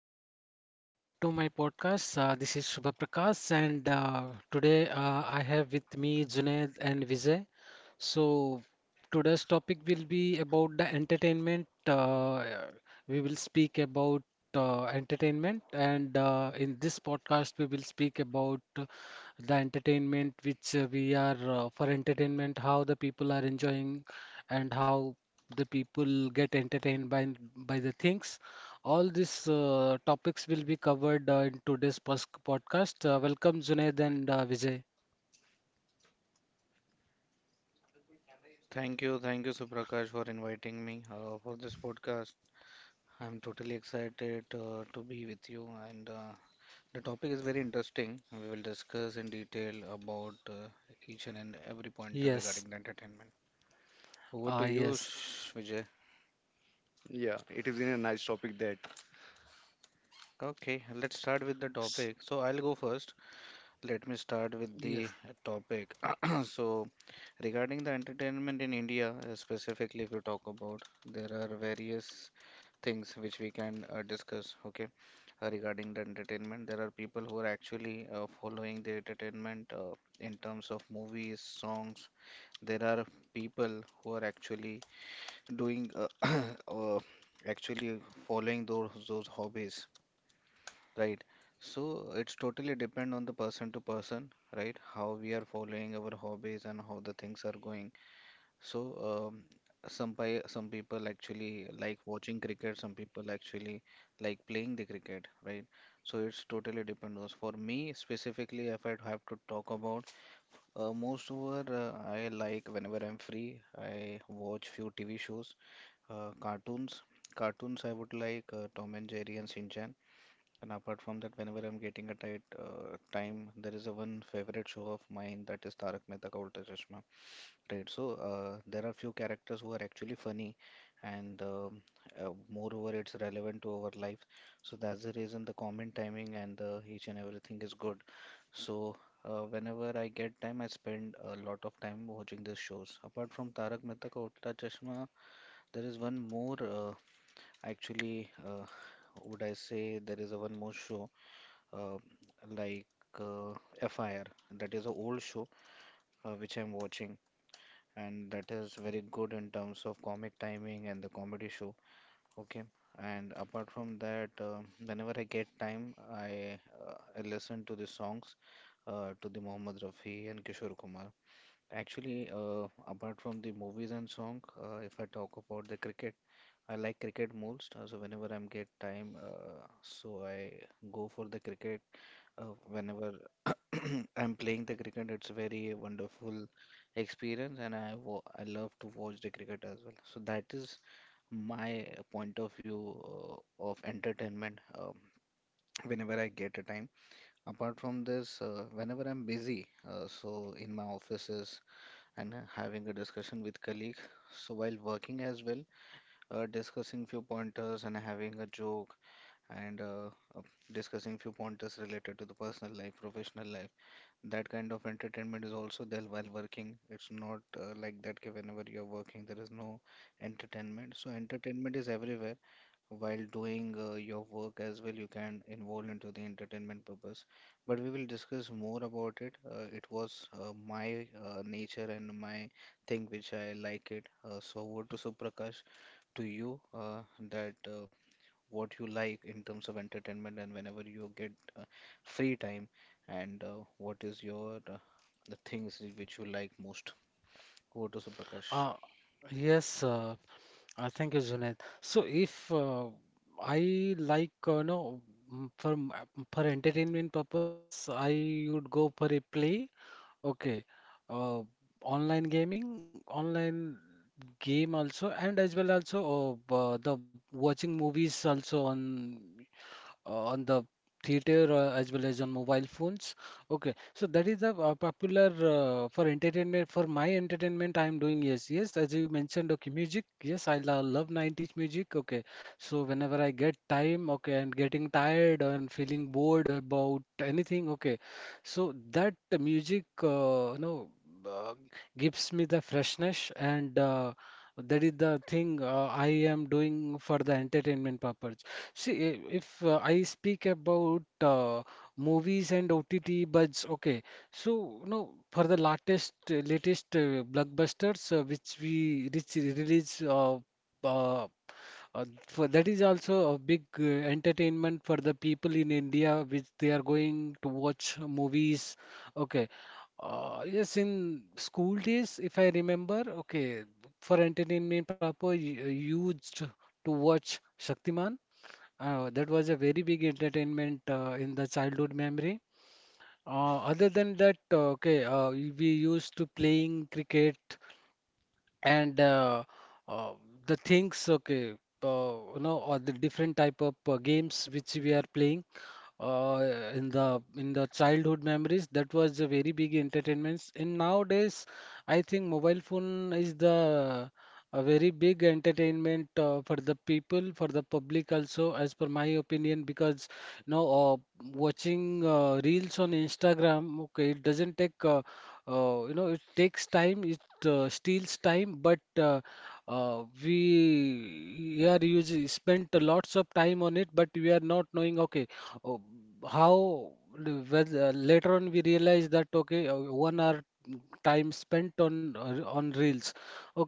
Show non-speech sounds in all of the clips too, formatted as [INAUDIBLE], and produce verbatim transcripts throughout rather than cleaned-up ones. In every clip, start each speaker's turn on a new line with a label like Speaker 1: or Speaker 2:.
Speaker 1: everyone, uh, welcome to my podcast. Uh, this is Shubha Prakash, and uh, today uh, I have with me Junaid and Vijay. So today's topic will be about the entertainment. Uh, we will speak about uh, entertainment, and uh, in this podcast we will speak about uh, the entertainment which uh, we are uh, for entertainment, how the people are enjoying, and how the people get entertained by by the things. All these uh, topics will be covered uh, in today's pos- podcast. Uh, welcome, Junaid and uh, Vijay. Yes, uh, yes,
Speaker 2: Yeah, it is in a nice topic that
Speaker 1: S- yes, uh, yes. Uh, uh, thank you, Junaid. So, if uh, I like, uh, no, mm, for m- for entertainment purpose, yes, I would go for a play. Okay. Uh, Online gaming, online game also, and as well also uh, uh, the watching movies also on uh, on the theater uh, as well as on mobile phones. Okay, so that is the uh, popular uh, for entertainment. For my entertainment, I am doing, yes, yes. As you mentioned, okay, music. Yes, I lo- love nineties music. Okay, so whenever I get time, okay, and getting tired and feeling bored about anything, okay. So that music, uh, you know, uh, gives me the freshness, and uh, that is the thing uh, I am doing for the entertainment purpose. See, i- if uh, I speak about uh, movies and O T T buds, okay. So, you know, for the latest latest uh, blockbusters uh, which we which release, uh, uh, uh, for that is also a big uh, entertainment for the people in India, which they are going to watch movies. Okay. Uh, yes, in school days, if I remember, okay, for entertainment purpose, you used to watch Shaktiman. Uh, that was a very big entertainment uh, in the childhood memory. Uh, other than that, uh, okay, uh, we used to playing cricket and uh, uh, the things, okay, uh, you know, or the different type of uh, games which we are playing uh, in the in the childhood memories. That was a very big entertainments, and nowadays I think mobile phone is the a very big entertainment uh, for the people, for the public also, as per my opinion, because you know uh, watching uh, reels on Instagram, okay, it doesn't take uh, uh, you know, it takes time, it uh, steals time, but uh, uh, we we are using, spent lots of time on it, but we are not knowing, okay, uh, how the- whether later on we realize that, okay, uh, one hour time spent on uh, on reels,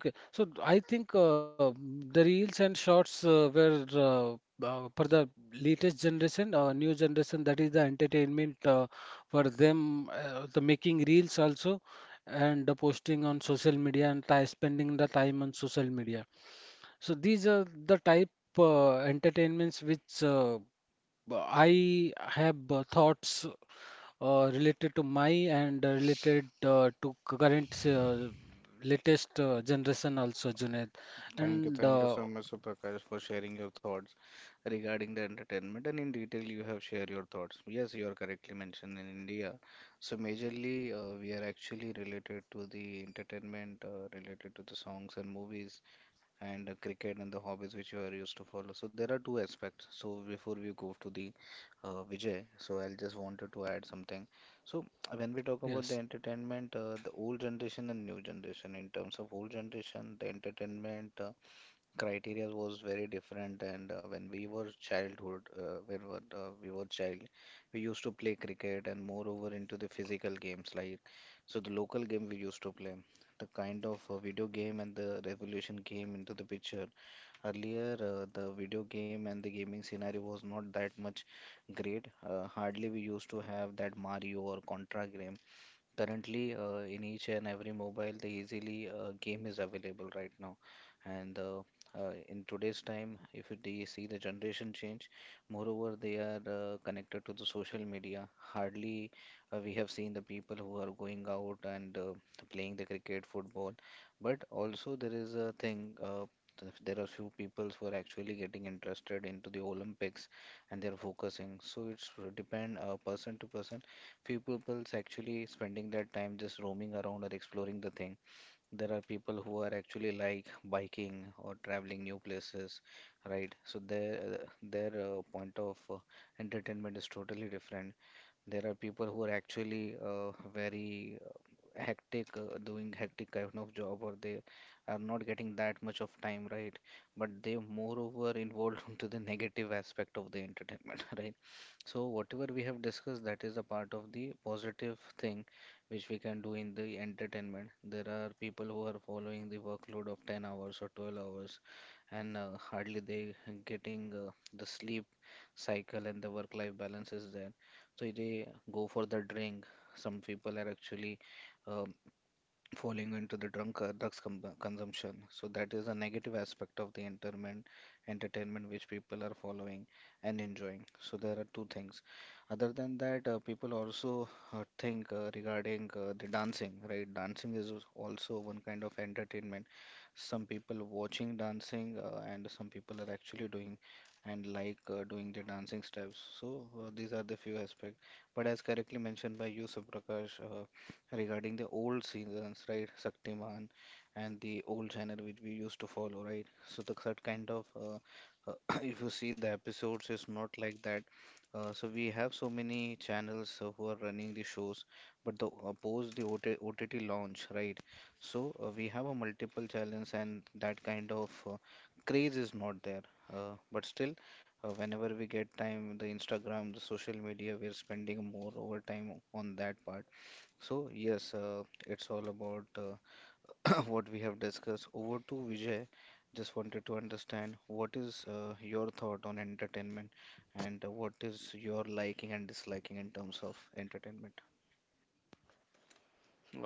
Speaker 1: okay. So I think uh, the reels and shorts uh, were uh, uh, for the latest generation, uh, new generation, that is the entertainment uh, for them, uh, the making reels also, and the posting on social media, and ti- spending the time on social media. So these are the type uh, entertainments which uh, I have uh, thoughts uh, related to my, and uh, related uh, to c- current uh, latest uh, generation also, Junaid, and uh, yes.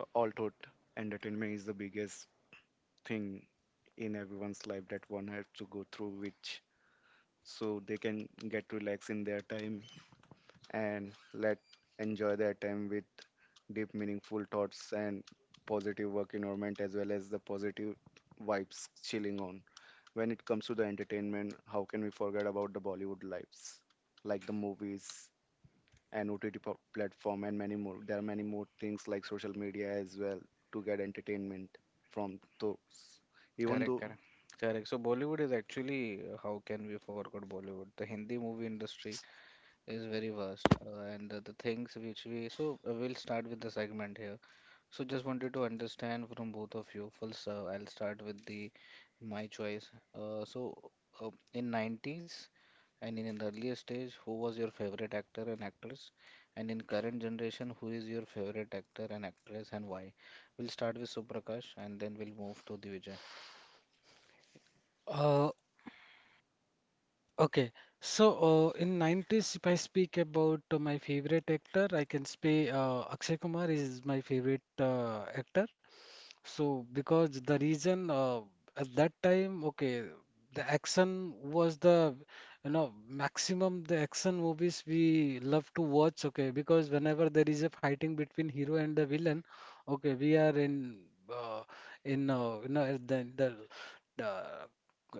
Speaker 2: uh, all thought entertainment is the biggest thing in everyone's life that one has to go through, which so they can get relaxed in their time and let enjoy their time with deep, meaningful thoughts and positive work environment as well as the positive vibes chilling on. When it comes to the entertainment, how can we forget about the Bollywood lives, like the movies and O T T pl- platform and many more. There are many more things like social media as well to get entertainment from those. Even though
Speaker 1: Uh, Okay, so uh, in nineties, if I speak about uh, my favorite actor, I can say uh, Akshay Kumar is my favorite uh, actor. So because the reason, uh, at that time, okay, the action was the, you know, maximum, the action movies we love to watch. Okay, because whenever there is a fighting between hero and the villain, okay, we are in uh, in uh, you know, the the uh,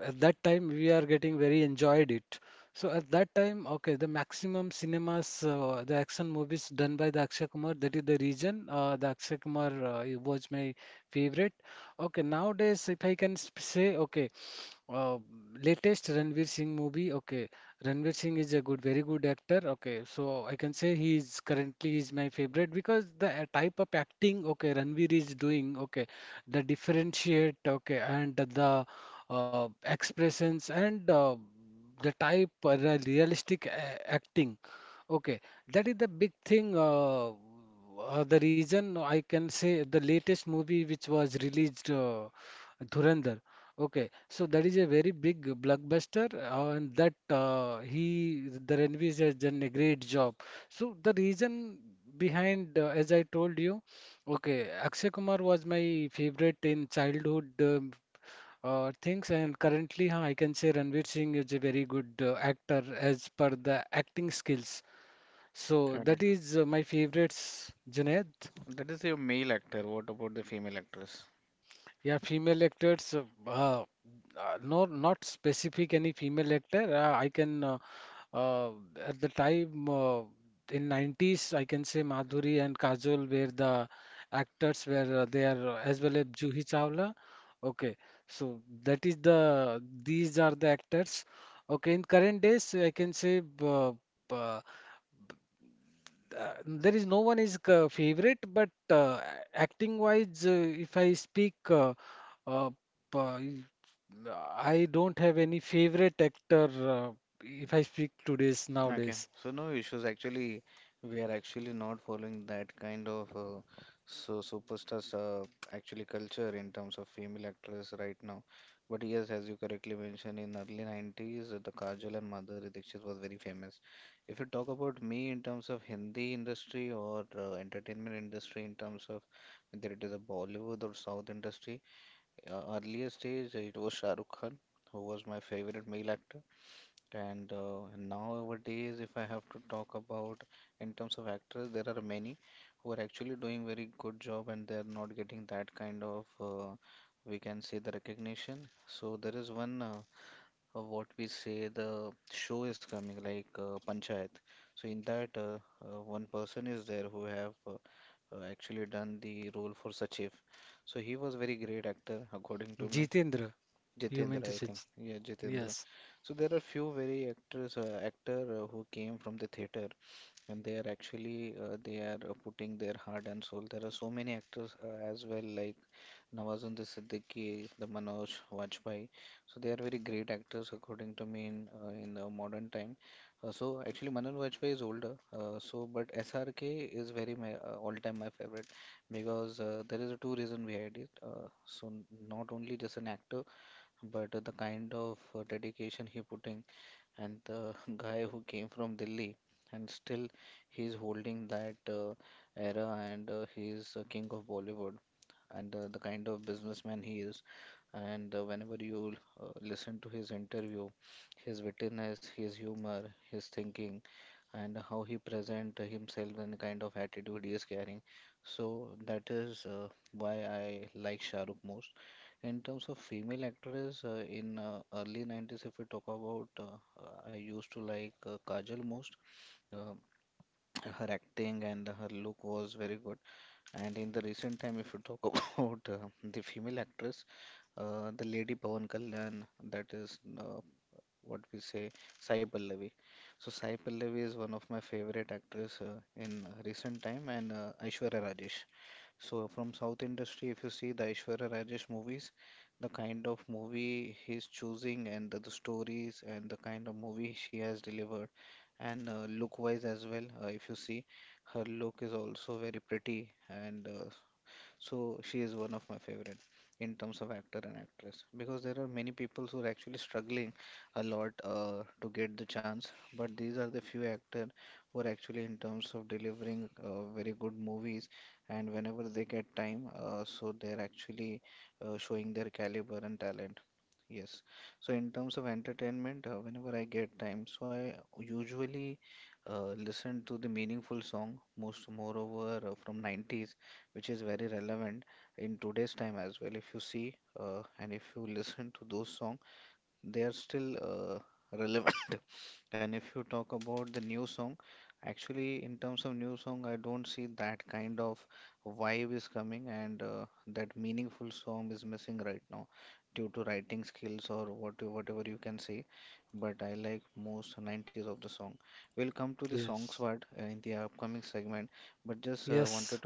Speaker 1: at that time we are getting very enjoyed it. So at that time, okay, the maximum cinemas, uh, the action movies done by the Akshay Kumar, that is the region. Uh, the Akshay Kumar uh, he was my favorite. Okay, nowadays, if I can sp- say, okay, uh, latest Ranveer Singh movie. Okay, Ranveer Singh is a good, very good actor. Okay, so I can say he is currently is my favorite because the uh, type of acting, okay, Ranveer is doing, okay, the differentiate, okay, and the uh, expressions, and uh, the type, uh, the realistic uh, acting. Okay, that is the big thing. Uh, uh, the reason I can say the latest movie which was released, uh, Dhurandhar. Okay, so that is a very big blockbuster, uh, and that uh, he, the Ranveer, has done a great job. So the reason behind, uh, as I told you, okay, Akshay Kumar was my favorite in childhood um, uh, things, and currently, huh, I can say Ranveer Singh is a very good uh, actor as per the acting skills. So that is uh, my favorites, Junaid. Yeah, female actors, uh, uh, uh, no, not specific any female actor. Uh, I can, uh, uh, at the time uh, in nineties, I can say Madhuri and Kajol were the actors where uh, they are, uh, as well as Juhi Chawla. Okay, so that is the, these are the actors. Okay, in current days, I can say uh, uh, uh, there is no one is uh, favorite, but uh, acting wise, uh, if I speak, uh, uh, p- I don't have any favorite actor. Uh, if I speak today's nowadays, Jitendra, you mean to say? Ji- Yes, yes, yes.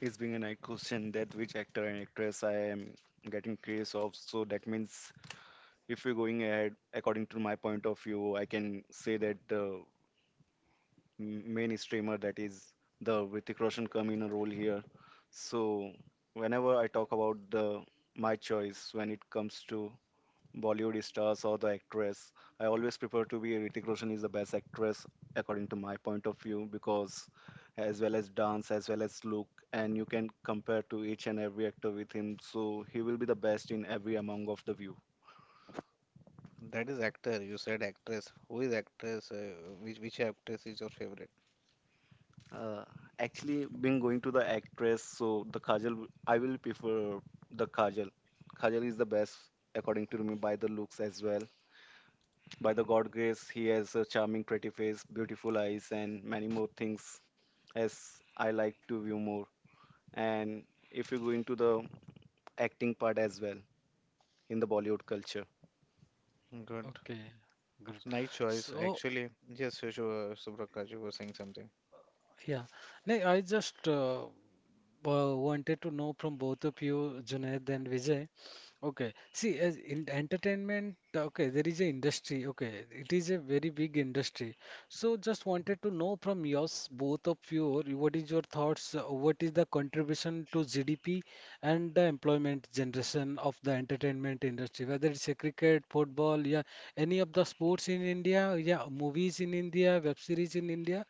Speaker 2: it's being an question that which actor and actress I am getting curious of, so that means if we are going ahead, according to my point of view, I can say that the m- main streamer that is the Hrithik Roshan come in a role here. So whenever I talk about the my choice when it comes to Bollywood stars or the actress. I always prefer to be Ritik Roshan is the best actress according to my point of view because as well as dance as well as look and you can compare to each and every actor with him so he will be the best in every among of the view. Uh, actually been going to the actress so the Kajal I will prefer the Kajal. Kajal is the best according to me by the looks as well. By the God grace, he has a charming, pretty face, beautiful eyes, and many more things as I like to view more. And if you go into the acting part as well in the Bollywood culture.
Speaker 1: Okay, good. So yeah, no, I just uh, uh, wanted to know from both of you, Junaid and Vijay. Okay, see, as in entertainment, okay, there is a industry. Okay, it is a very big industry. So, just wanted to know from yours, both of you, or what is your thoughts? uh, What is the contribution to G D P and the employment generation of the entertainment industry? Whether it's a cricket, football, yeah, any of the sports in India, yeah, movies in India, web series in India.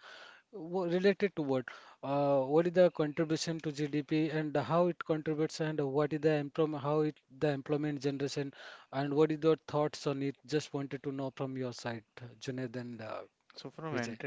Speaker 1: Wo- Related to what? Uh, what is the contribution to G D P and how it contributes and what is the employment, how it the employment generation and what is your thoughts on it? Just wanted to know from your side, uh, Junaid and uh, Vijay.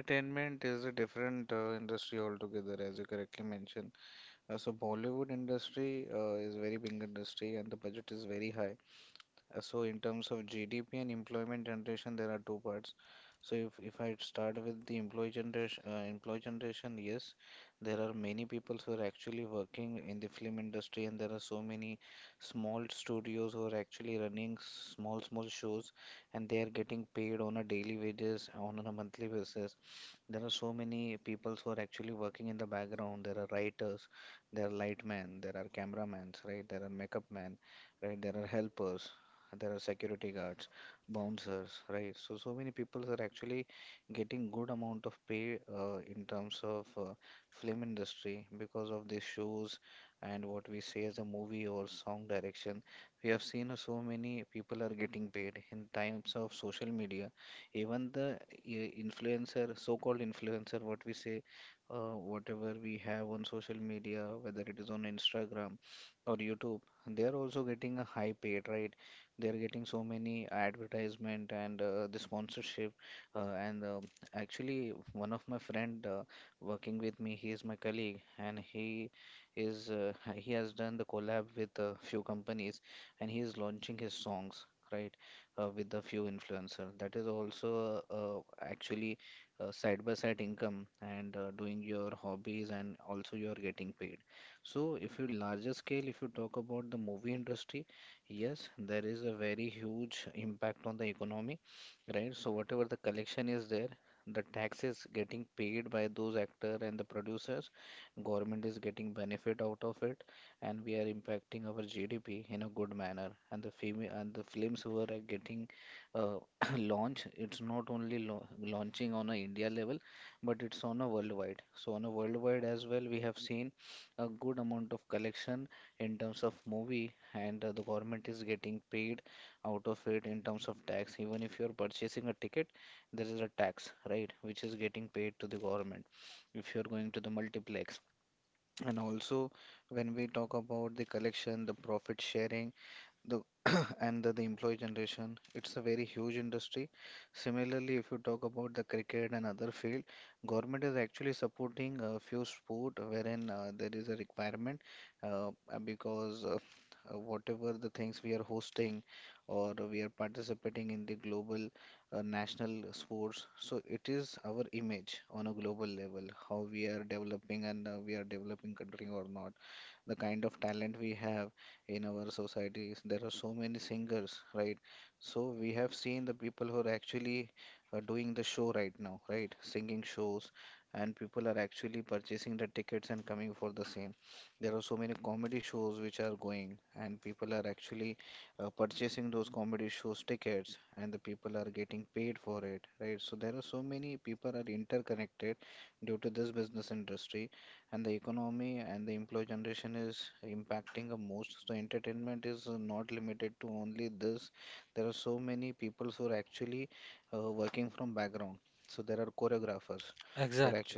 Speaker 1: Exactly.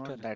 Speaker 1: Correct.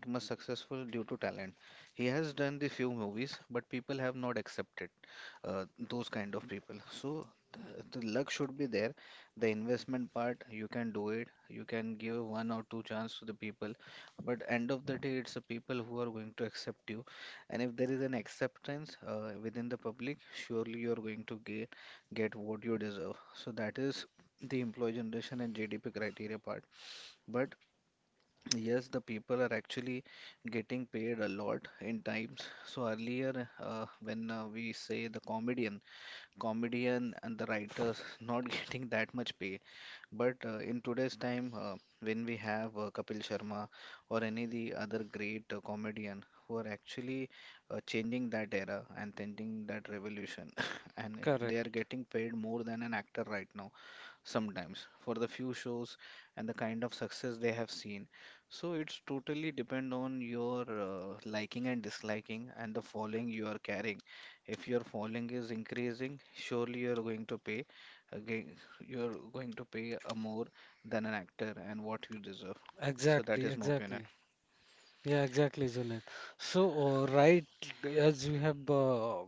Speaker 1: Correct. Exactly. Exactly. Yeah, exactly, Junaid. So, uh, right, as you have uh,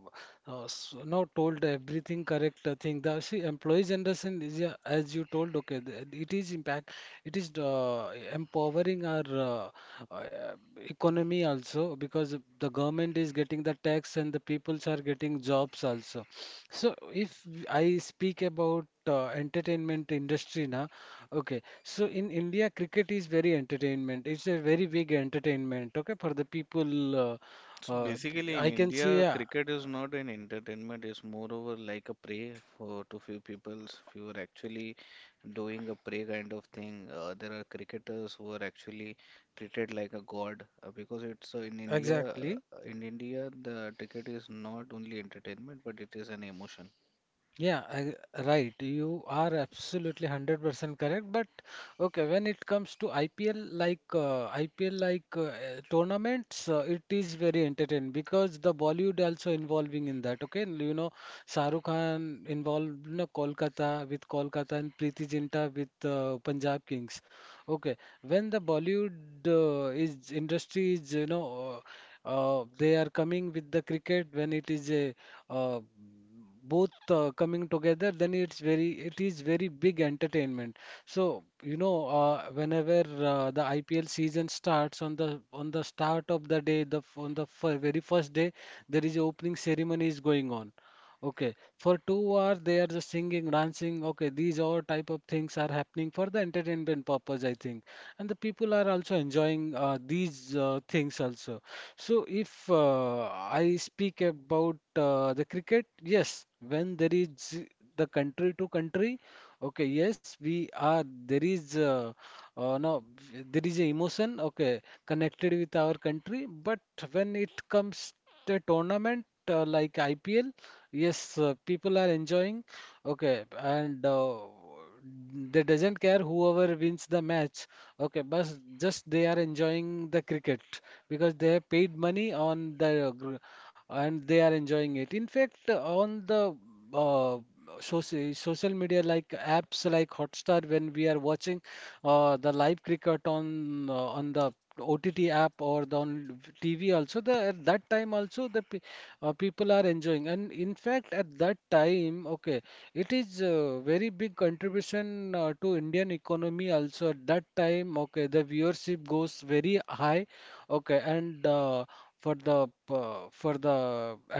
Speaker 1: uh, s- now told everything correct uh, thing. The, see, employee generation is, yeah, as you told. Okay, the, it is impact. It is uh, empowering our uh, uh, economy also, because the government is getting the tax and the peoples are getting jobs also. So, if I speak about uh, entertainment industry now, okay. So in India, cricket is very entertainment. It's a very big entertainment, okay, for the people. Uh, uh, b- I can see, yeah, exactly. Yeah, I, right. You are absolutely one hundred percent correct. But okay, when it comes to I P L like uh, I P L like uh, uh, tournaments, uh, it is very entertaining because the Bollywood also involving in that. Okay, you know, Shah Rukh Khan involved, you know, Kolkata with Kolkata, and Preeti Zinta with uh, Punjab Kings. Okay, when the Bollywood uh, is industry is, you know, uh, they are coming with the cricket, when it is a uh, both uh, coming together, then it's very, it is very big entertainment. So you know, uh, whenever uh, the I P L season starts on the on the start of the day, the f- on the f very first day, there is opening ceremony is going on. Okay, for two hours they are just singing, dancing. Okay, these all type of things are happening for the entertainment purpose, I think, and the people are also enjoying uh, these uh, things also. So if uh, I speak about uh, the cricket, yes, when there is the country to country, okay, yes, we are, there is uh, uh, no v- there is a emotion, okay, connected with our country, but when it comes to tournament uh, like I P L. Yes, uh, people are enjoying. Okay, and uh, they doesn't care whoever wins the match. Okay, but just they are enjoying the cricket because they have paid money on the gr, and they are enjoying it. In fact, on the uh, social social media, like apps like Hotstar, when we are watching uh, the live cricket on uh, on the O T T app, or the on T V also, the at that time also the pe uh, people are enjoying. And in fact, at that time, okay, it is a very big contribution uh, to Indian economy also. At that time, okay, the viewership goes very high, okay, and uh, for the uh, for the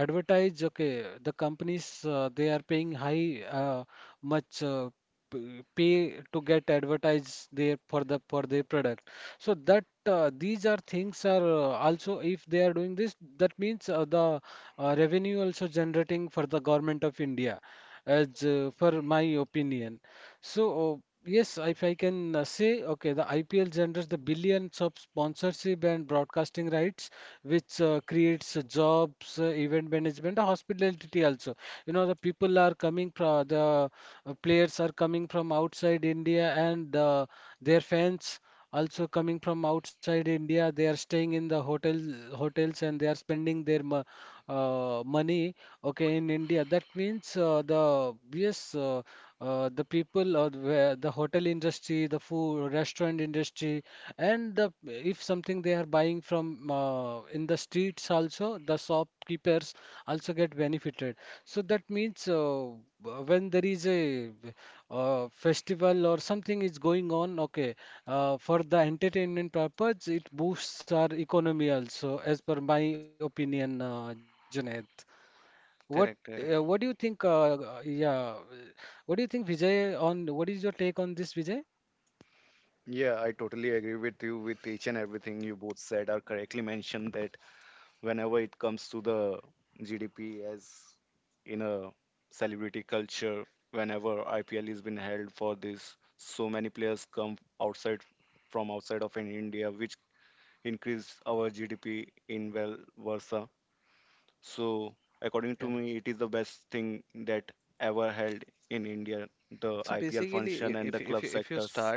Speaker 1: advertise, okay, the companies uh, they are paying high, uh, much uh, p- pay to get advertise there for the for their product. So that uh, these are things are uh, also, if they are doing this, that means uh, the uh, revenue also generating for the government of India as uh, per my opinion. So, uh, yes, if I can uh, say, okay, the I P L generates the billions of sponsorship and broadcasting rights, which uh, creates uh, jobs, uh, event management, uh, hospitality also. You know, the people are coming from the, uh, players are coming from outside India, and uh, their fans. Also coming from outside India, they are staying in the hotel hotels, and they are spending their mo- uh, money. Okay, in India, that means uh, the yes, uh, uh, the people or the the hotel industry, the food restaurant industry, and the if something they are buying from uh, in the streets, also the shopkeepers also get benefited. So that means uh, w- when there is a uh, festival or something is going on. Okay, uh, for the entertainment purpose, it boosts our economy also, as per my opinion. uh, Junaid, what uh, what do you think? Uh, uh, yeah, what do you think, Vijay? On what is your take on this, Vijay?
Speaker 2: Yeah, I totally agree with you with each and everything you both said are correctly mentioned that whenever it comes to the G D P as in a celebrity culture, whenever I P L is been held for this, so many players come outside from outside of in India, which increase our G D P in well versa. So according to me, it is the best thing that ever held in India, the I P L function and the club sectors.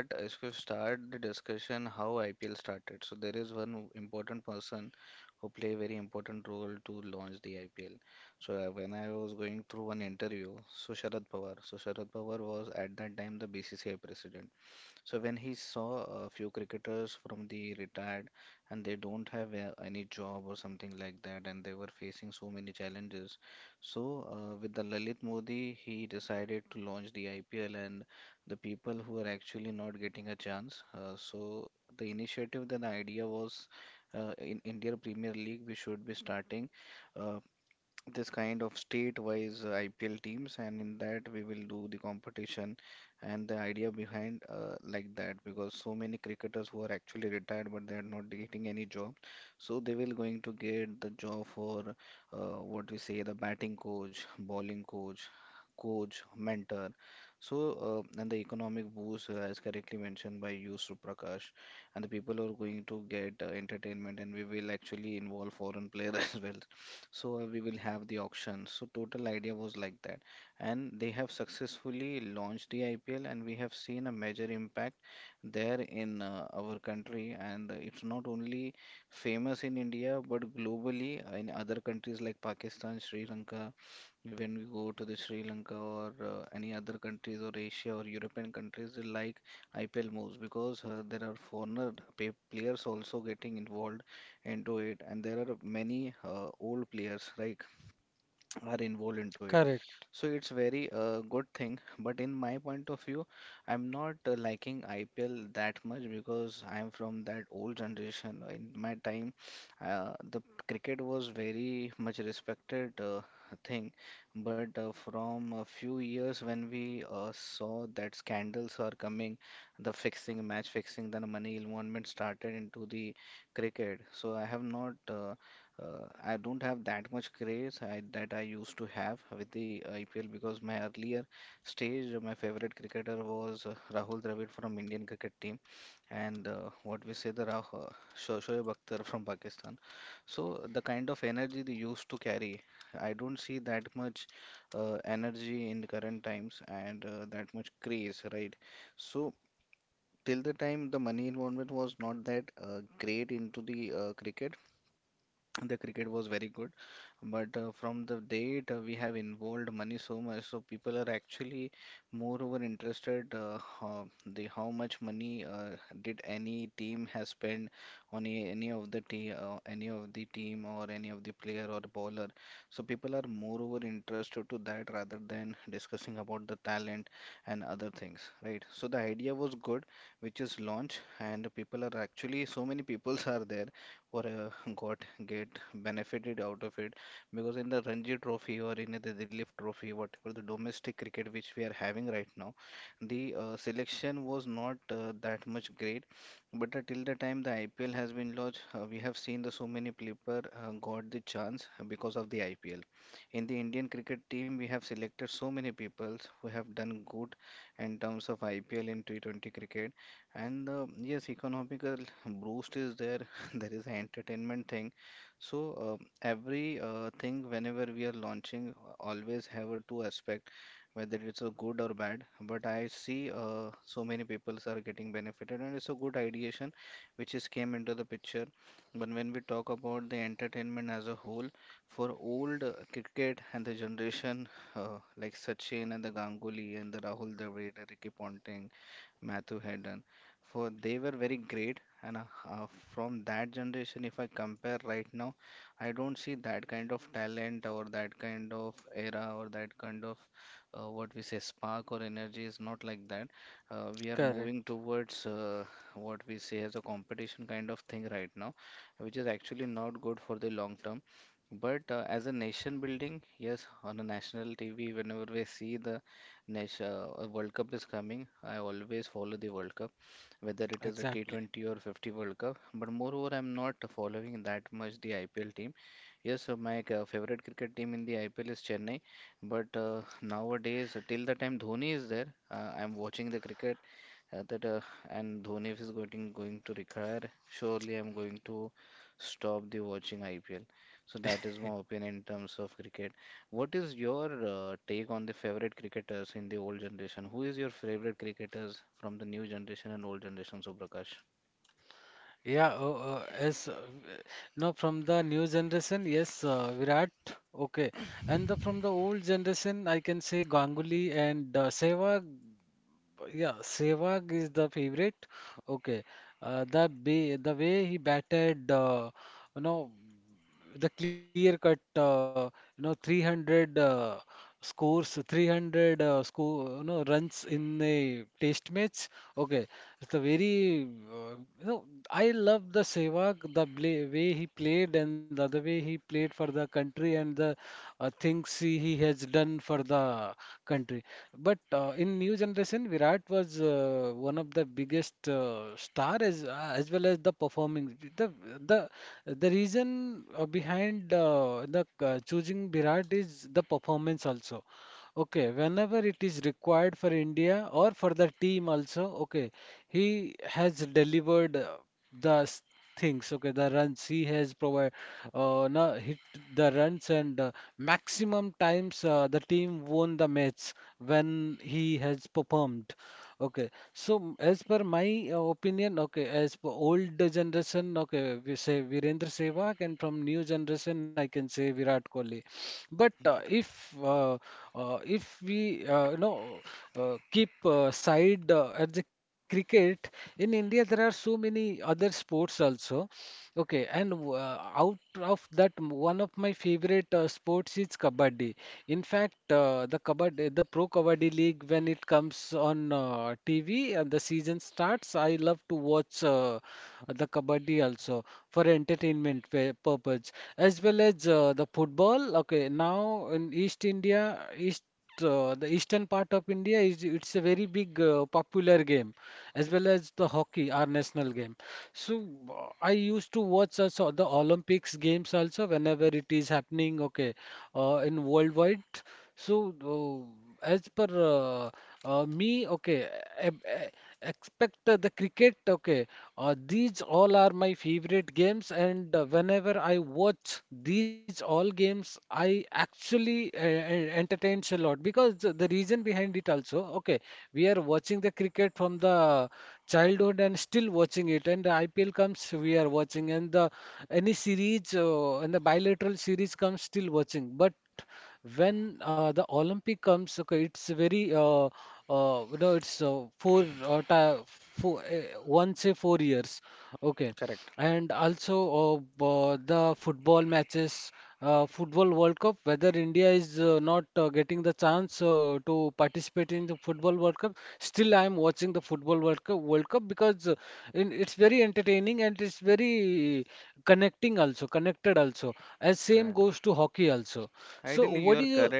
Speaker 1: Correct. Correct. Exactly. Yeah. Oh, uh, yes. uh, No, from the new generation, yes, uh, Virat. Okay, and the from the old generation, I can say Ganguly and uh, Sehwag. Yeah, Sehwag is the favorite. Okay, uh, the ba the way he batted, uh, you know, the clear cut, uh, you know, three hundred uh, scores, three hundred uh, score, you know, runs in a test match. Okay, it's a very, uh, you know, I love the Sehwag, the bla way way he played, and the other way he played for the country, and the uh, things he, he has done for the country. But uh, in new generation, Virat was uh, one of the biggest uh, star, as uh, as well as the performing. The the the reason uh, behind uh, the uh, choosing Virat is the performance also. Okay, whenever it is required for India or for the team also, okay, he has delivered uh, the s- things, okay, the runs he has provided, uh, no, hit the runs, and uh, maximum times uh, the team won the match when he has performed. Okay, so m- as per my uh, opinion, okay, as per old generation, okay, we say Virendra Sehwag, and from new generation, I can say Virat Kohli. But uh, if uh, uh, if we uh, you know uh, keep uh, side uh, at the cricket in India, there are so many other sports also. Okay, and w- uh, out of that, m- one of my favorite uh, sports is kabaddi. In fact, uh, the kabaddi, the Pro Kabaddi League, when it comes on uh, T V and the season starts, I love to watch uh, the kabaddi also, for entertainment pa- purpose, as well as uh, the football. Okay, now in East India, East uh, the eastern part of India, is it's a very big uh, popular game, as well as the hockey, our national game. So uh, I used to watch also the Olympics games also, whenever it is happening, okay, uh, in worldwide. So uh, as per uh, uh, me, okay, e- e- expect uh, the cricket, okay. Uh, these all are my favorite games, and uh, whenever I watch these all games, I actually uh, en- entertains a lot, because the the reason behind it also, okay, we are watching the cricket from the childhood and still watching it, and the I P L comes, we are watching, and the any series uh, and the bilateral series comes, still watching, but when uh, the Olympic comes, okay, it's very uh, uh, you know it's uh, four uh, ti four uh, once a four years, okay, and also uh, uh, the football matches, uh, football World Cup. Whether India is uh, not uh, getting the chance uh, to participate in the football World Cup, still I am watching the football World Cup, World Cup because uh, in, it's very entertaining, and it's very connecting also, connected also. As same goes to hockey also. So what is your,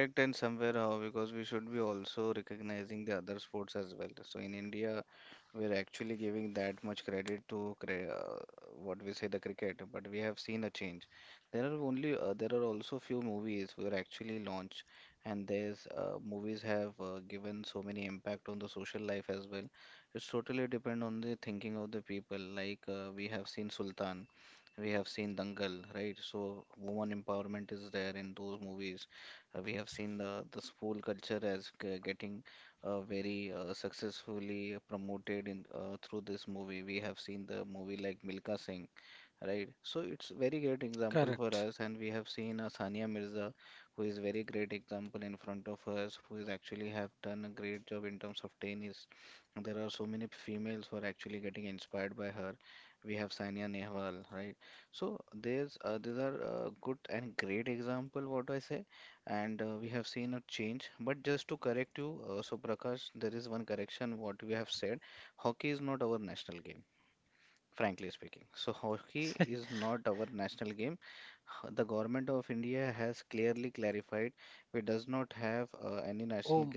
Speaker 1: correct? Oh,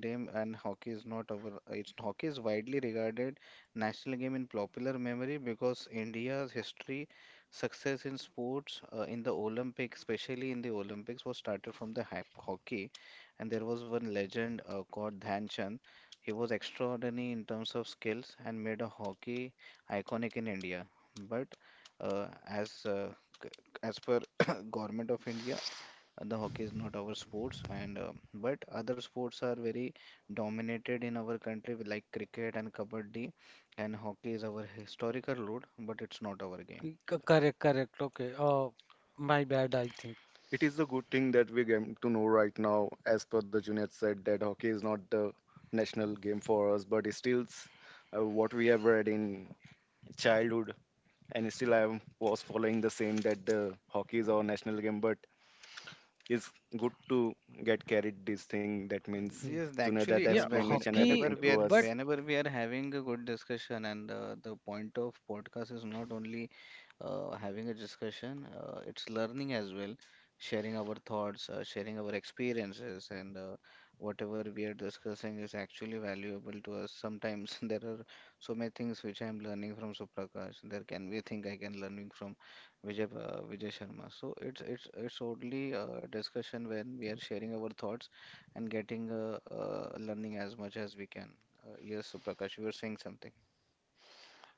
Speaker 1: c- correct, correct. Okay. Uh, my bad, I think.
Speaker 2: It is a good thing that we get to know right now, as per the Junaid said, that hockey is not the national game for us, but it still uh, what we have read in childhood, and still I am- was following the same that the hockey is our national game. But it's good to get carried this thing. That means
Speaker 1: Yeah.
Speaker 2: Junaid had
Speaker 1: Yeah,
Speaker 2: explained each and
Speaker 1: hockey,
Speaker 2: everything to
Speaker 1: but.
Speaker 2: us.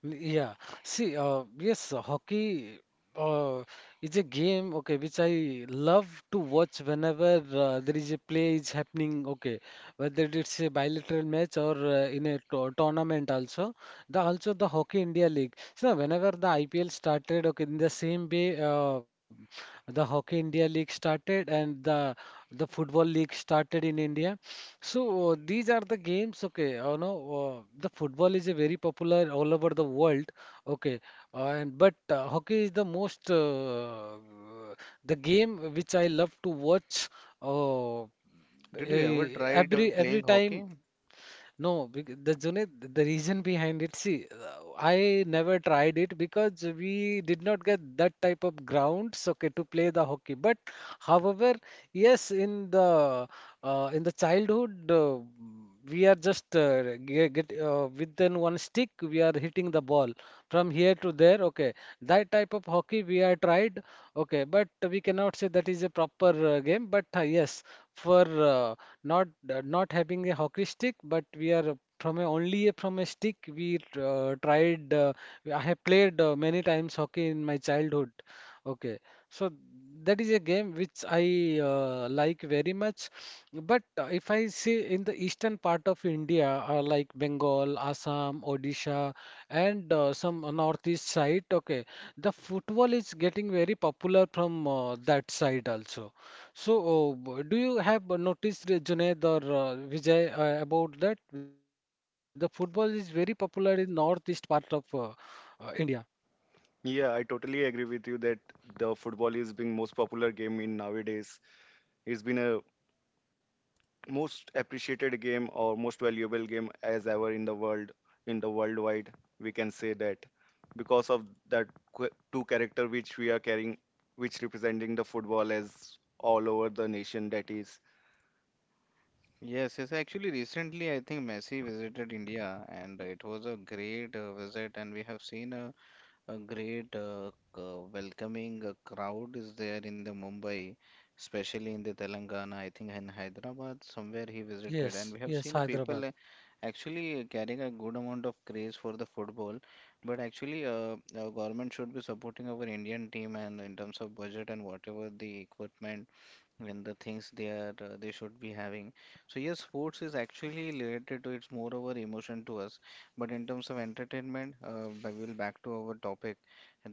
Speaker 1: Yeah. See, uh, yes, uh, hockey uh, is a game, okay, which I love to watch whenever uh, there is a play is happening, okay, whether it's a bilateral match or uh, in a to tournament also. The also the Hockey India League. So whenever the I P L started, okay, in the same way, uh, the Hockey India League started, and the the Football League started in India. So uh, these are the games, okay. Uh, no, uh, the football is a very popular all over the world, okay. Uh, and But uh, hockey is the most uh, the game which I love to watch. Uh, eh, every every time, no, bec- the Junaid, the reason behind it, see, uh, I never tried it, because we did not get that type of grounds, okay, to play the hockey. But however, yes, in the uh, in the childhood, uh, we are just uh, ge- get, uh, within one stick, we are hitting the ball from here to there. Okay, that type of hockey we are tried. Okay, but we cannot say that is a proper uh, game. But uh, yes, for uh, not uh, not having a hockey stick, but we are from a, only a, from a stick. We uh, tried. Uh, I have played uh, many times hockey in my childhood. Okay, so that is a game which I uh, like very much. But uh, if I see in the eastern part of India, uh, like Bengal, Assam, Odisha, and uh, some uh, northeast side, okay, the football is getting very popular from uh, that side also. So uh, b- do you have uh, noticed, uh, Junaid or uh, Vijay, uh, about that? The football is very popular in northeast part of uh, uh, India.
Speaker 2: Yeah, I totally agree with you that the football is being most popular game in nowadays. It's been a most appreciated game or most valuable game as ever in the world, in the worldwide. We can say that because of that qu- two character which we are carrying, which representing the football as all over the nation that is.
Speaker 3: Yes, yes. Actually, recently I think Messi visited India, and it was a great uh, visit, and we have seen a, a great uh, c- uh, welcoming uh, crowd is there in the Mumbai, especially in the Telangana. I think in Hyderabad, somewhere he visited, and we
Speaker 1: Yes,
Speaker 3: have
Speaker 1: yes,
Speaker 3: seen a people
Speaker 1: Hyderabad.
Speaker 3: uh, actually carrying a good amount of craze for the football. But actually, uh, our government should be supporting our Indian team, and in terms of budget and whatever the equipment and the things they are uh, they should be having. So yes, sports is actually related to it's more over emotion to us. But in terms of entertainment, uh, I will back to our topic,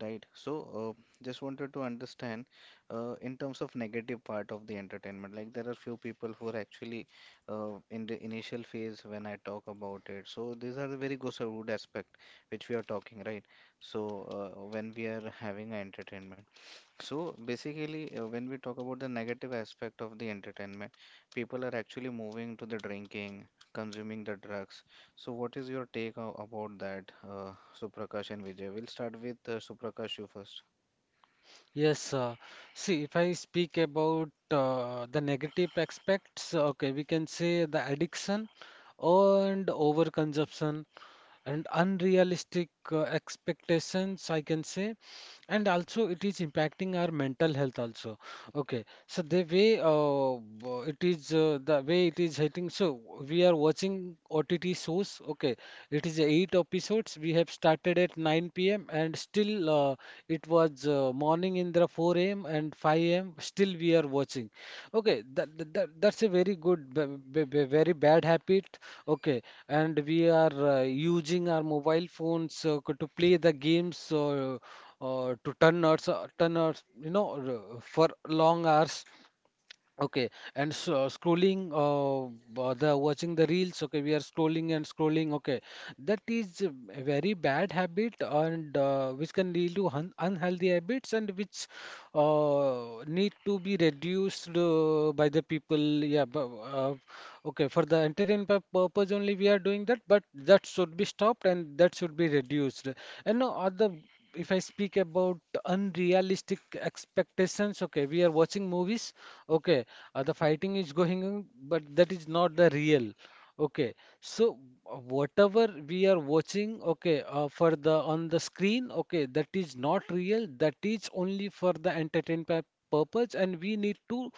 Speaker 3: right? So uh, just wanted to understand uh, in terms of negative part of the entertainment. Like there are few people who are actually uh, in the initial phase when I talk about it. So these are the very good aspect which we are talking, right? So uh, when we are having a entertainment. So basically, uh, when we talk about the negative aspect of the entertainment, people are actually moving to the drinking, consuming the drugs. So what is your take o- about that, uh, Suprakash and Vijay? We'll start with uh, Suprakash you first.
Speaker 1: Yes, uh, see, if I speak about uh, the negative aspects, okay, we can say the addiction and overconsumption, and unrealistic uh, expectations, I can say. And also, it is impacting our mental health also. Okay, so the way uh, b- it is, uh, the way it is hitting. So we are watching O T T shows. Okay, it is eight episodes. We have started at nine p m, and still uh, it was uh, morning in the four a m and five a m. Still we are watching. Okay, that, that that- that's a very good, b- b- b- very bad habit. Okay, and we are uh, using our mobile phones uh, c- to play the games, or uh, to turn hours, uh, turn hours, you know, r- for long hours. Okay, and so scrolling, uh, uh, the watching the reels. Okay, we are scrolling and scrolling. Okay, that is a very bad habit, and uh, which can lead to un unhealthy habits, and which uh, need to be reduced uh, by the people. Yeah, bu- uh, okay, for the entertainment pur- purpose only we are doing that, but that should be stopped and that should be reduced. And no other, if I speak about unrealistic expectations, okay, we are watching movies, okay, uh, the fighting is going on, but that is not the real. Okay, so uh, whatever we are watching, okay, uh, for the on the screen, okay, that is not real. That is only for the entertainment purpose, and we need to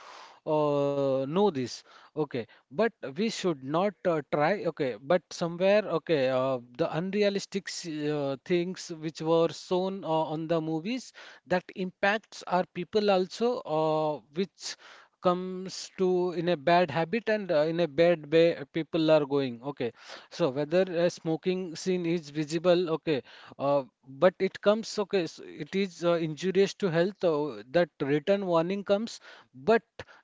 Speaker 1: uh, know this. Okay, but we should not uh, try, okay, but somewhere, okay, uh, the unrealistic s- uh, things which were shown uh, on the movies, that impacts our people also, uh, which comes to in a bad habit, and uh, in a bad way people are going, okay. So whether a smoking scene is visible, okay, uh, but it comes, okay, yes, it is uh, injurious to health. Uh, that written warning comes, but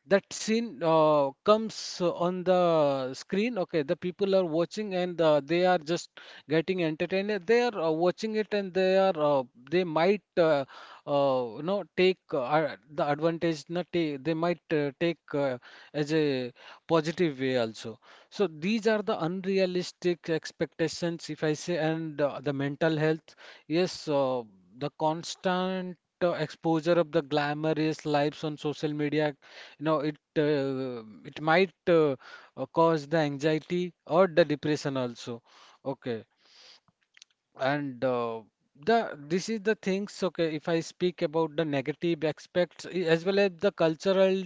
Speaker 1: that scene uh, comes uh, on the screen. Okay, the people are watching, and uh, they are just getting entertained. They are uh, watching it, and they are uh, they might uh, uh, you know take uh, ad- the advantage. Not take, they might uh, take uh, as a positive way also. So these are the unrealistic expectations, if I say, and uh, the mental health. Yes, uh, the constant uh, exposure of the glamorous lives on social media, you know, it uh, it might uh, uh, cause the anxiety or the depression also. Okay, and uh, the this is the things, okay, if I speak about the negative aspects i- as well as the cultural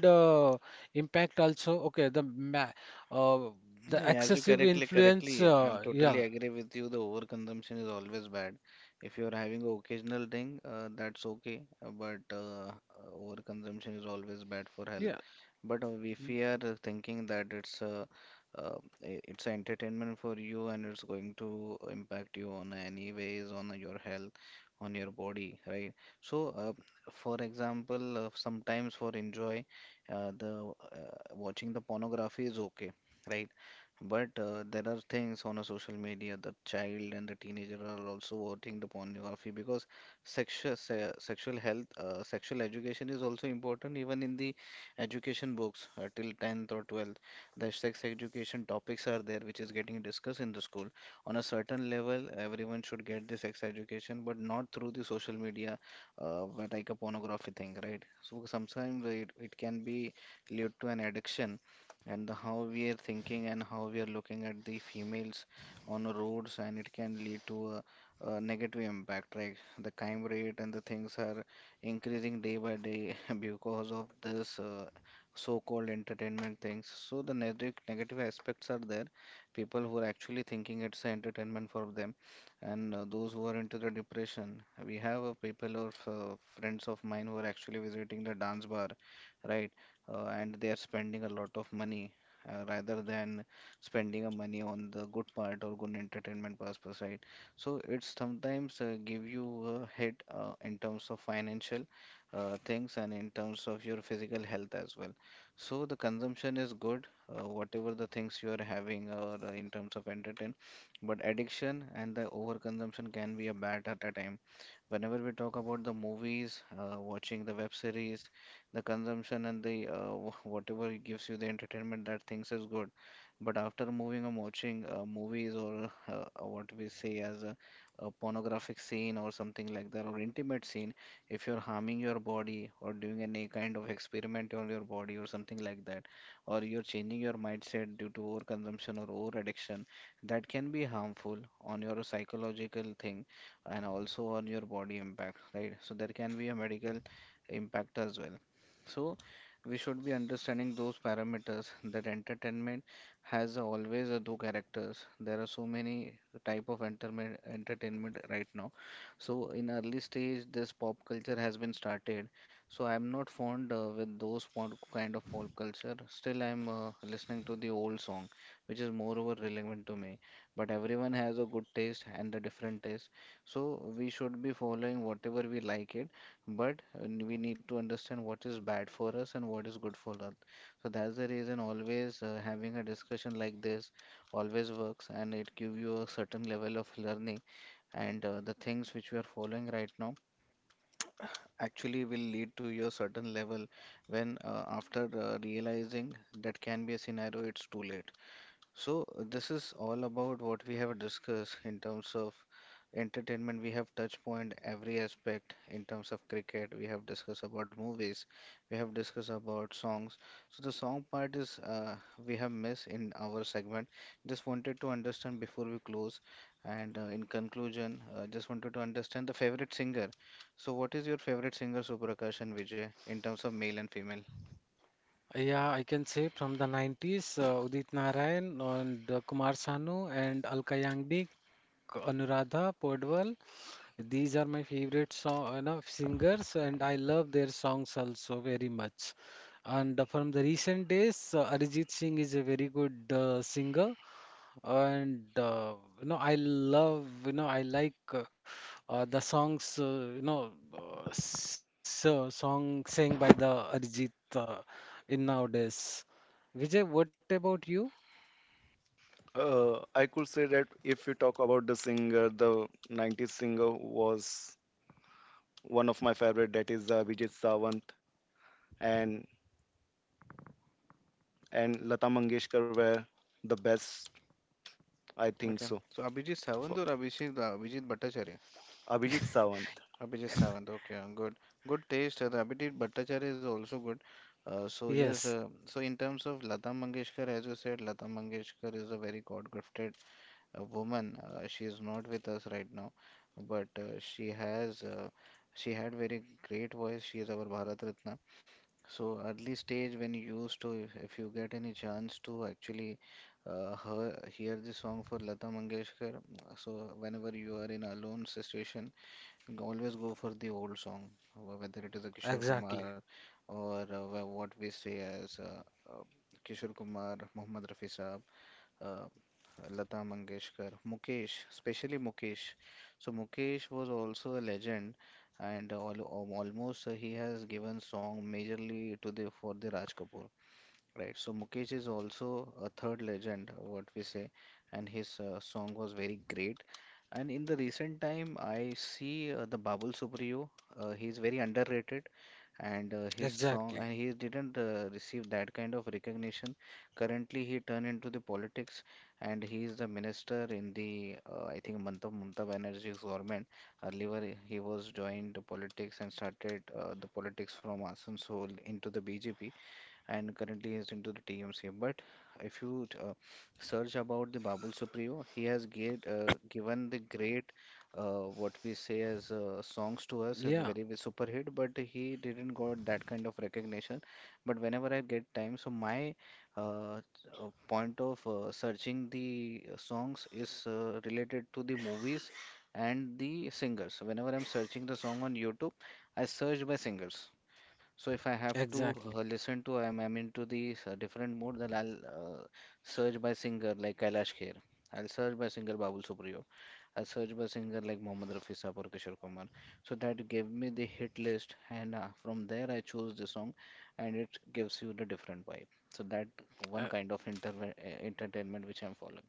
Speaker 1: uh, impact also, okay, the ma uh, the
Speaker 3: Yeah, as you
Speaker 1: excessive
Speaker 3: correctly
Speaker 1: influence,
Speaker 3: correctly, I'm
Speaker 1: uh,
Speaker 3: totally
Speaker 1: yeah,
Speaker 3: agree with you. The overconsumption is always bad. If you are having an occasional thing, uh, that's okay, uh, but uh, uh, overconsumption is always bad for health.
Speaker 1: yeah,
Speaker 3: But uh, if we are uh, thinking that it's a uh, i- it's a entertainment for you and it's going to impact you on any ways on your health, on your body, right? So, uh, for example, uh, sometimes for enjoy, uh, the uh, watching the pornography is okay, right? But uh, there are things on a social media, the child and the teenager are also watching the pornography because sexual se sexual health, uh, sexual education is also important even in the education books uh, till tenth or twelfth. The sex education topics are there, which is getting discussed in the school. On a certain level, everyone should get the sex education, but not through the social media, uh, but like a pornography thing, right? So sometimes it, it can be lead to an addiction, and the, how we are thinking and how we are looking at the females on the roads, and it can lead to a, a negative impact, like the crime rate and the things are increasing day by day [LAUGHS] because of this uh, so-called entertainment things. So the negative negative aspects are there. People who are actually thinking it's a entertainment for them, and uh, those who are into the depression. We have uh, people or uh, friends of mine who are actually visiting the dance bar, right? Uh, and they are spending a lot of money. Uh, rather than spending a money on the good part or good entertainment purpose, right? So it's sometimes uh, give you a hit uh, in terms of financial uh, things and in terms of your physical health as well. So the consumption is good, uh, whatever the things you are having or uh, in terms of entertain, but addiction and the overconsumption can be a bad at a time. Whenever we talk about the movies, uh, watching the web series, the consumption and the uh, [LAUGHS] wh- whatever gives you the entertainment, that things is good. But after moving and watching uh, movies or uh, or what we say as a, a pornographic scene or something like that or intimate scene, if you're harming your body or doing any kind of experiment on your body or something like that, or you're changing your mindset due to over consumption or over addiction, that can be harmful on your psychological thing and also on your body impact, right? So there can be a medical impact as well. So we should be understanding those parameters that entertainment has always a two characters. There are so many type of entertainment entertainment right now. So in early stage, this pop culture has been started. So I'm not fond uh, with those pon- kind of pop culture. Still, I'm uh, listening to the old song, which is moreover relevant to me. But everyone has a good taste and a different taste. So we should be following whatever we like it, but uh, we need to understand what is bad for us and what is good for us. So that's the reason always uh, having a discussion like this always works and it give you a certain level of learning and uh, the things which we are following right now [COUGHS] actually will lead to your certain level when uh, after uh, realizing that can be a scenario it's too late. So, uh, this is all about what we have discussed in terms of entertainment. We have touched point every aspect in terms of cricket. We have discussed about movies. We have discussed about songs. So, the song part is uh, we have missed in our segment. Just wanted to understand before we close. And uh, in conclusion, uh, just wanted to understand the favorite singer. So, what is your favorite singer, Suprakash and Vijay, in terms of male and female?
Speaker 1: yeah, I can say from the nineties, uh, Udit Narayan and uh, Kumar Sanu and Alka Yagnik, Anuradha Podwal, these are my favorite song, you know, singers, and I love their songs also very much. And uh, from the recent days, uh, Arijit Singh is a very good uh, singer, and uh, you know I love you know I like uh, uh, the songs uh, you know uh, so, song sang by the Arijit uh, in nowadays. Vijay, what about you?
Speaker 2: Uh, I could say that if we talk about the singer, the nineties singer was one of my favorite, that is uh, Vijay Savant and and Lata Mangeshkar were the best, I think
Speaker 3: Okay.
Speaker 2: so.
Speaker 3: So, Abhijit
Speaker 2: For
Speaker 3: Sawant or Abhijit, Abhijit Bhattacharya?
Speaker 2: Abhijit Savant,
Speaker 3: Abhijit Savant, okay, good. Good taste. uh, The Abhijit Bhattacharya is also good. Uh, so yes, uh,
Speaker 1: Yes,
Speaker 3: so in terms of Lata Mangeshkar, as you said, Lata Mangeshkar is a very God-gifted uh, woman. Uh, she is not with us right now, but uh, she has uh, she had very great voice. She is our Bharat Ratna. So early stage when you used to, if, if you get any chance to actually uh, hear, hear the song for Lata Mangeshkar, so whenever you are in a alone situation. Always go for the old song, wh- whether it is a Kishore Kumar
Speaker 1: exactly,
Speaker 3: or uh, wha- what we say as uh, uh, Kishore Kumar, Mohammad Rafi Saab, uh, Lata Mangeshkar, Mukesh, especially Mukesh. So Mukesh was also a legend, and all, al- almost uh, he has given song majorly to the for the Raj Kapoor. Right, so Mukesh is also a third legend, what we say, and his uh, song was very great. And in the recent time, I see uh, the Babul Supriyo. Uh, he is very underrated, and uh, his song, and
Speaker 1: exactly,
Speaker 3: he didn't uh, receive that kind of recognition. Currently, he turned into the politics, and he is the minister in the, uh, I think, Mamata Mamata Banerjee's government. Earlier, he was joined the politics and started uh, the politics from Asansol into the B J P and currently he's into the T M C. But if you uh, search about the Babul Supriyo, he has get, uh, given the great, uh, what we say as uh, songs to us, and
Speaker 1: yeah,
Speaker 3: very big super hit, but he didn't got that kind of recognition. But whenever I get time, so my uh, uh, point of uh, searching the uh, songs is uh, related to the movies and the singers. Whenever I'm searching the song on YouTube, I search by singers. So if I have to
Speaker 1: exactly.
Speaker 3: uh, listen to, I'm, I'm into these uh, different mode, then I'll uh, search by singer like Kailash Kher. I'll search by singer Babul Supriyo. I'll search by singer like Mohammad Rafi Saab or Kishore Kumar. So that gave me the hit list, and uh, from there I choose the song, and it gives you the different vibe. So that one
Speaker 1: Uh,
Speaker 3: kind of interve- uh entertainment which I'm following.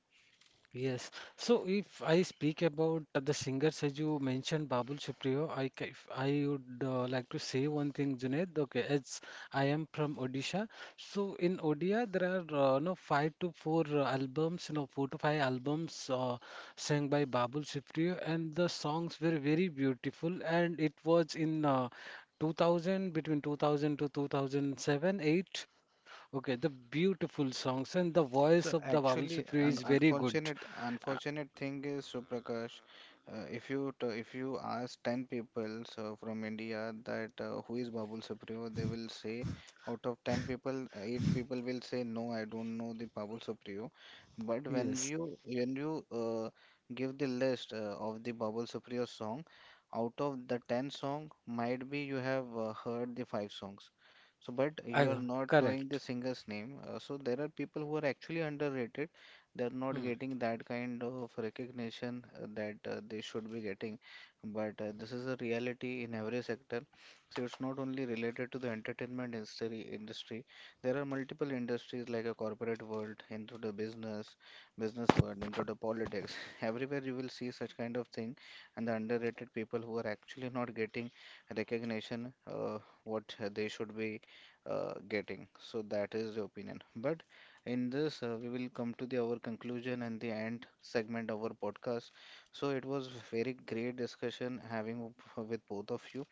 Speaker 1: Yes. So if I speak about uh, the singers as you mentioned, Babul Supriyo, I ca- if I would uh, like to say one thing, Junaid. Okay, it's, I am from Odisha. So in Odia, there are uh, no five to four uh, albums, you know, four to five albums uh, sang by Babul Supriyo, and the songs were very beautiful. And it was in uh, two thousand, between two thousand to two thousand seven, eight. Okay, the beautiful songs and the voice of the
Speaker 3: So
Speaker 1: Babul Supriyo
Speaker 3: actually,
Speaker 1: is
Speaker 3: an
Speaker 1: very good.
Speaker 3: unfortunate
Speaker 1: uh,
Speaker 3: unfortunate thing is, Suprakash, uh, if you t- if you ask ten people so from India that uh, who is Babul Supriyo, they will say out of ten people, eight people will say no, I don't know the Babul Supriyo. But when
Speaker 1: Yes,
Speaker 3: you when you uh, give the list uh, of the Babul Supriyo song, out of the ten song, might be you have uh, heard the five songs. So, but you
Speaker 1: I,
Speaker 3: are not knowing the
Speaker 1: correct.
Speaker 3: singer's name. Uh, so there are people who are actually underrated. They are not
Speaker 1: Hmm.
Speaker 3: getting that kind of recognition uh, that uh, they should be getting. But uh, this is a reality in every sector. So it's not only related to the entertainment industry. Industry. There are multiple industries like a corporate world, into the business, business world, into the politics. [LAUGHS] Everywhere you will see such kind of thing, and the underrated people who are actually not getting recognition. Uh, what uh, they should be uh, getting. So that is the opinion. But in this, uh, we will come to the our conclusion and the end segment of our podcast. So it was very great discussion having w- with both of you.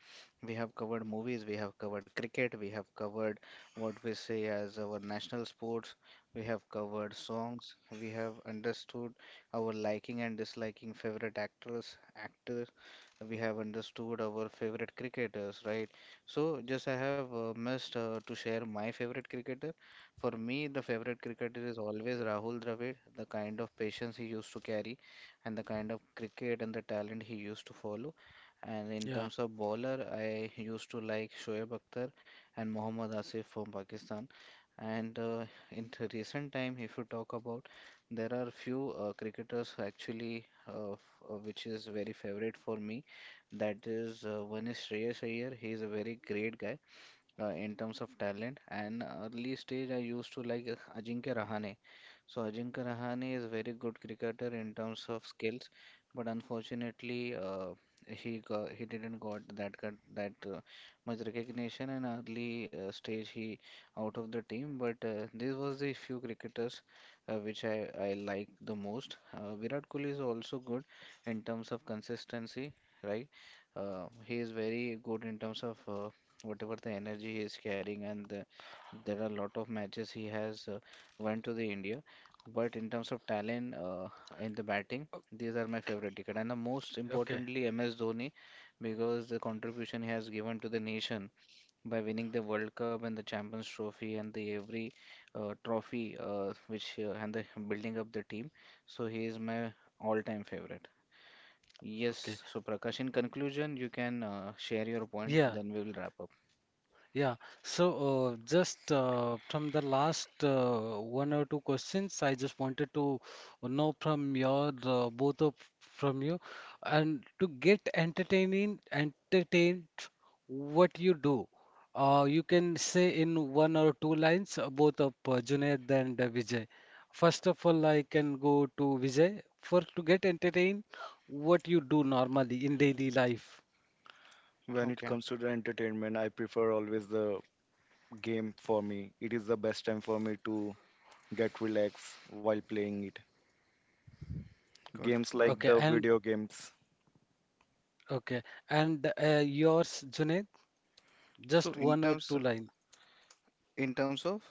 Speaker 3: We have covered movies, we have covered cricket, we have covered what we say as our national sports, we have covered songs, we have understood our liking and disliking favorite actors, actors we have understood our favorite cricketers, right? So, just I have uh, missed uh, to share my favorite cricketer. For me, the favorite cricketer is always Rahul Dravid. The kind of patience he used to carry, and the kind of cricket and the talent he used to follow. And in
Speaker 1: Yeah.
Speaker 3: terms of bowler, I used to like Shoaib Akhtar and Mohammad Asif from Pakistan. And uh, in the recent time, if you talk about, there are few uh, cricketers who actually, uh, f- uh, which is very favorite for me. That is, uh, one is Shreyas Iyer. He is a very great guy uh, in terms of talent. And early stage, I used to like uh, Ajinkya Rahane. So Ajinkya Rahane is very good cricketer in terms of skills, but unfortunately, uh, he got, he didn't got that cut- that uh, much recognition and early uh, stage he out of the team. But uh, this was the few cricketers uh, which I I like the most. Uh, Virat Kohli is also good in terms of consistency, right? Uh, he is very good in terms of uh, whatever the energy he is carrying and the, there are a lot of matches he has uh, went to the India but in terms of talent uh, in the batting
Speaker 1: O-
Speaker 3: these are my favorite ticket and the most
Speaker 1: Okay.
Speaker 3: importantly M S Dhoni because the contribution he has given to the nation by winning the World Cup and the Champions Trophy and the every uh, trophy uh, which uh, and the building up the team so he is my all-time favorite.
Speaker 1: Okay.
Speaker 3: Yes, so Prakash in conclusion you can uh, share your point
Speaker 1: Yeah.
Speaker 3: then we will wrap up.
Speaker 1: Yeah, so uh, just uh, from the last uh, one or two questions, I just wanted to know from your uh, both of from you, and to get entertaining, entertained, what you do. Uh, you can say in one or two lines, uh, both of uh, Junaid and uh, Vijay. First of all, I can go to Vijay for to get entertained, what you do normally in daily life.
Speaker 2: when it
Speaker 3: Okay,
Speaker 2: comes to the entertainment, I prefer always the game for me. It is the best time for me to get relaxed while playing it.
Speaker 3: good,
Speaker 2: Games
Speaker 3: good.
Speaker 2: like
Speaker 1: Okay,
Speaker 2: the
Speaker 1: and
Speaker 2: video games.
Speaker 1: Okay, and uh, yours, Junaid,
Speaker 3: So
Speaker 1: just
Speaker 3: in
Speaker 1: one or
Speaker 3: terms
Speaker 1: two line.
Speaker 3: in terms of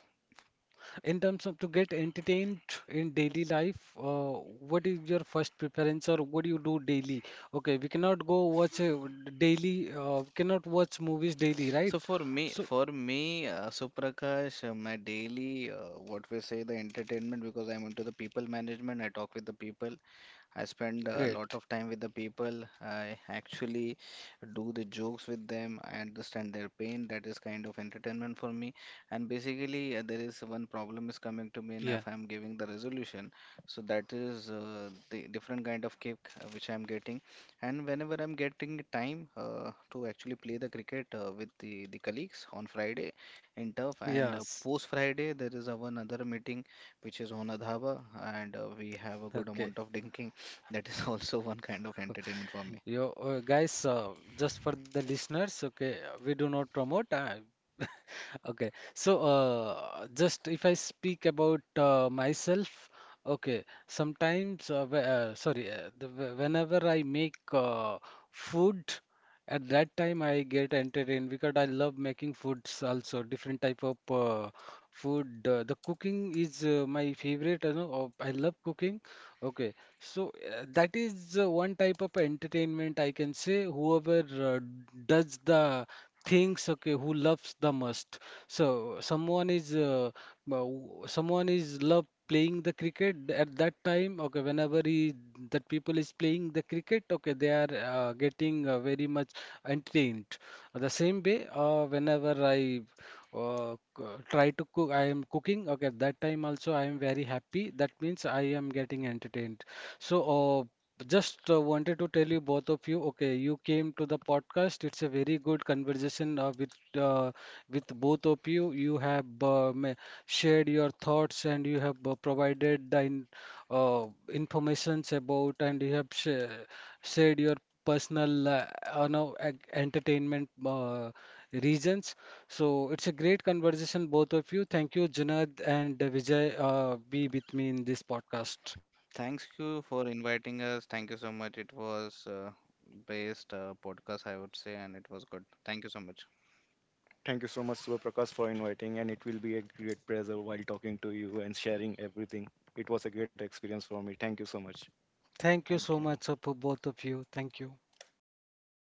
Speaker 1: In terms of to get entertained in daily life, uh, what is your first preference, or what do you do daily? Okay, we cannot go watch a daily, uh, we cannot watch movies daily, right?
Speaker 3: so for me,
Speaker 1: So.
Speaker 3: for me, uh, Suprakash, uh, my daily, uh, what we say, the entertainment, because I'm into the people management, I talk with the people, I spend a lot
Speaker 1: Great.
Speaker 3: of time with the people. I actually do the jokes with them. I understand their pain. That is kind of entertainment for me. And basically, uh, there is one problem is coming to me, and
Speaker 1: Yeah.
Speaker 3: if I'm giving the resolution, so that is uh, the different kind of kick uh, which I'm getting. And whenever I'm getting time uh, to actually play the cricket uh, with the the colleagues on Friday in turf, and uh,
Speaker 1: Yes.
Speaker 3: post Friday there is a one other meeting which is on a dhaba and uh, we have a good
Speaker 1: Okay.
Speaker 3: amount of drinking that is [LAUGHS] also one kind of entertainment for me.
Speaker 1: You uh, guys, uh, just for the listeners, okay, we do not promote. Uh, Okay, so uh, just if I speak about uh, myself, okay, sometimes, uh, wh- uh, sorry, uh, the, wh- whenever I make uh, food, at that time I get entertained, because I love making foods also, different type of uh, food. Uh, the cooking is uh, my favorite, you know, of- I love cooking. Okay, so uh, that is uh, one type of entertainment, I can say, whoever uh, does the things, okay, who loves the most. So someone is uh, uh, someone is love playing the cricket at that time, okay, whenever he, that people is playing the cricket, okay, they are uh, getting uh, very much entertained. Uh, The same way, uh, whenever I uh, c- try to cook, I am cooking, okay, that time also I am very happy, that means I am getting entertained. So, uh, just uh, wanted to tell you both of you, okay, you came to the podcast. It's a very good conversation uh, with uh, with both of you. You have uh, ma- shared your thoughts, and you have uh, provided the in, uh, informations about, and you have sh shared your personal uh, uh, no, ec- entertainment uh, reasons. So it's a great conversation, both of you. Thank you, Junaid and Vijay, uh, be with me in this podcast.
Speaker 3: Thanks you for inviting us. Thank you so much. It was uh, best uh, podcast, I would say, and it was good. Thank you so much.
Speaker 2: Thank you so much, Prakash, for inviting, and it will be a great pleasure while talking to you and sharing everything. It was a great experience for me. Thank you so much.
Speaker 1: Thank you
Speaker 3: Thank
Speaker 1: so
Speaker 3: you.
Speaker 1: much uh, for both of you. Thank you.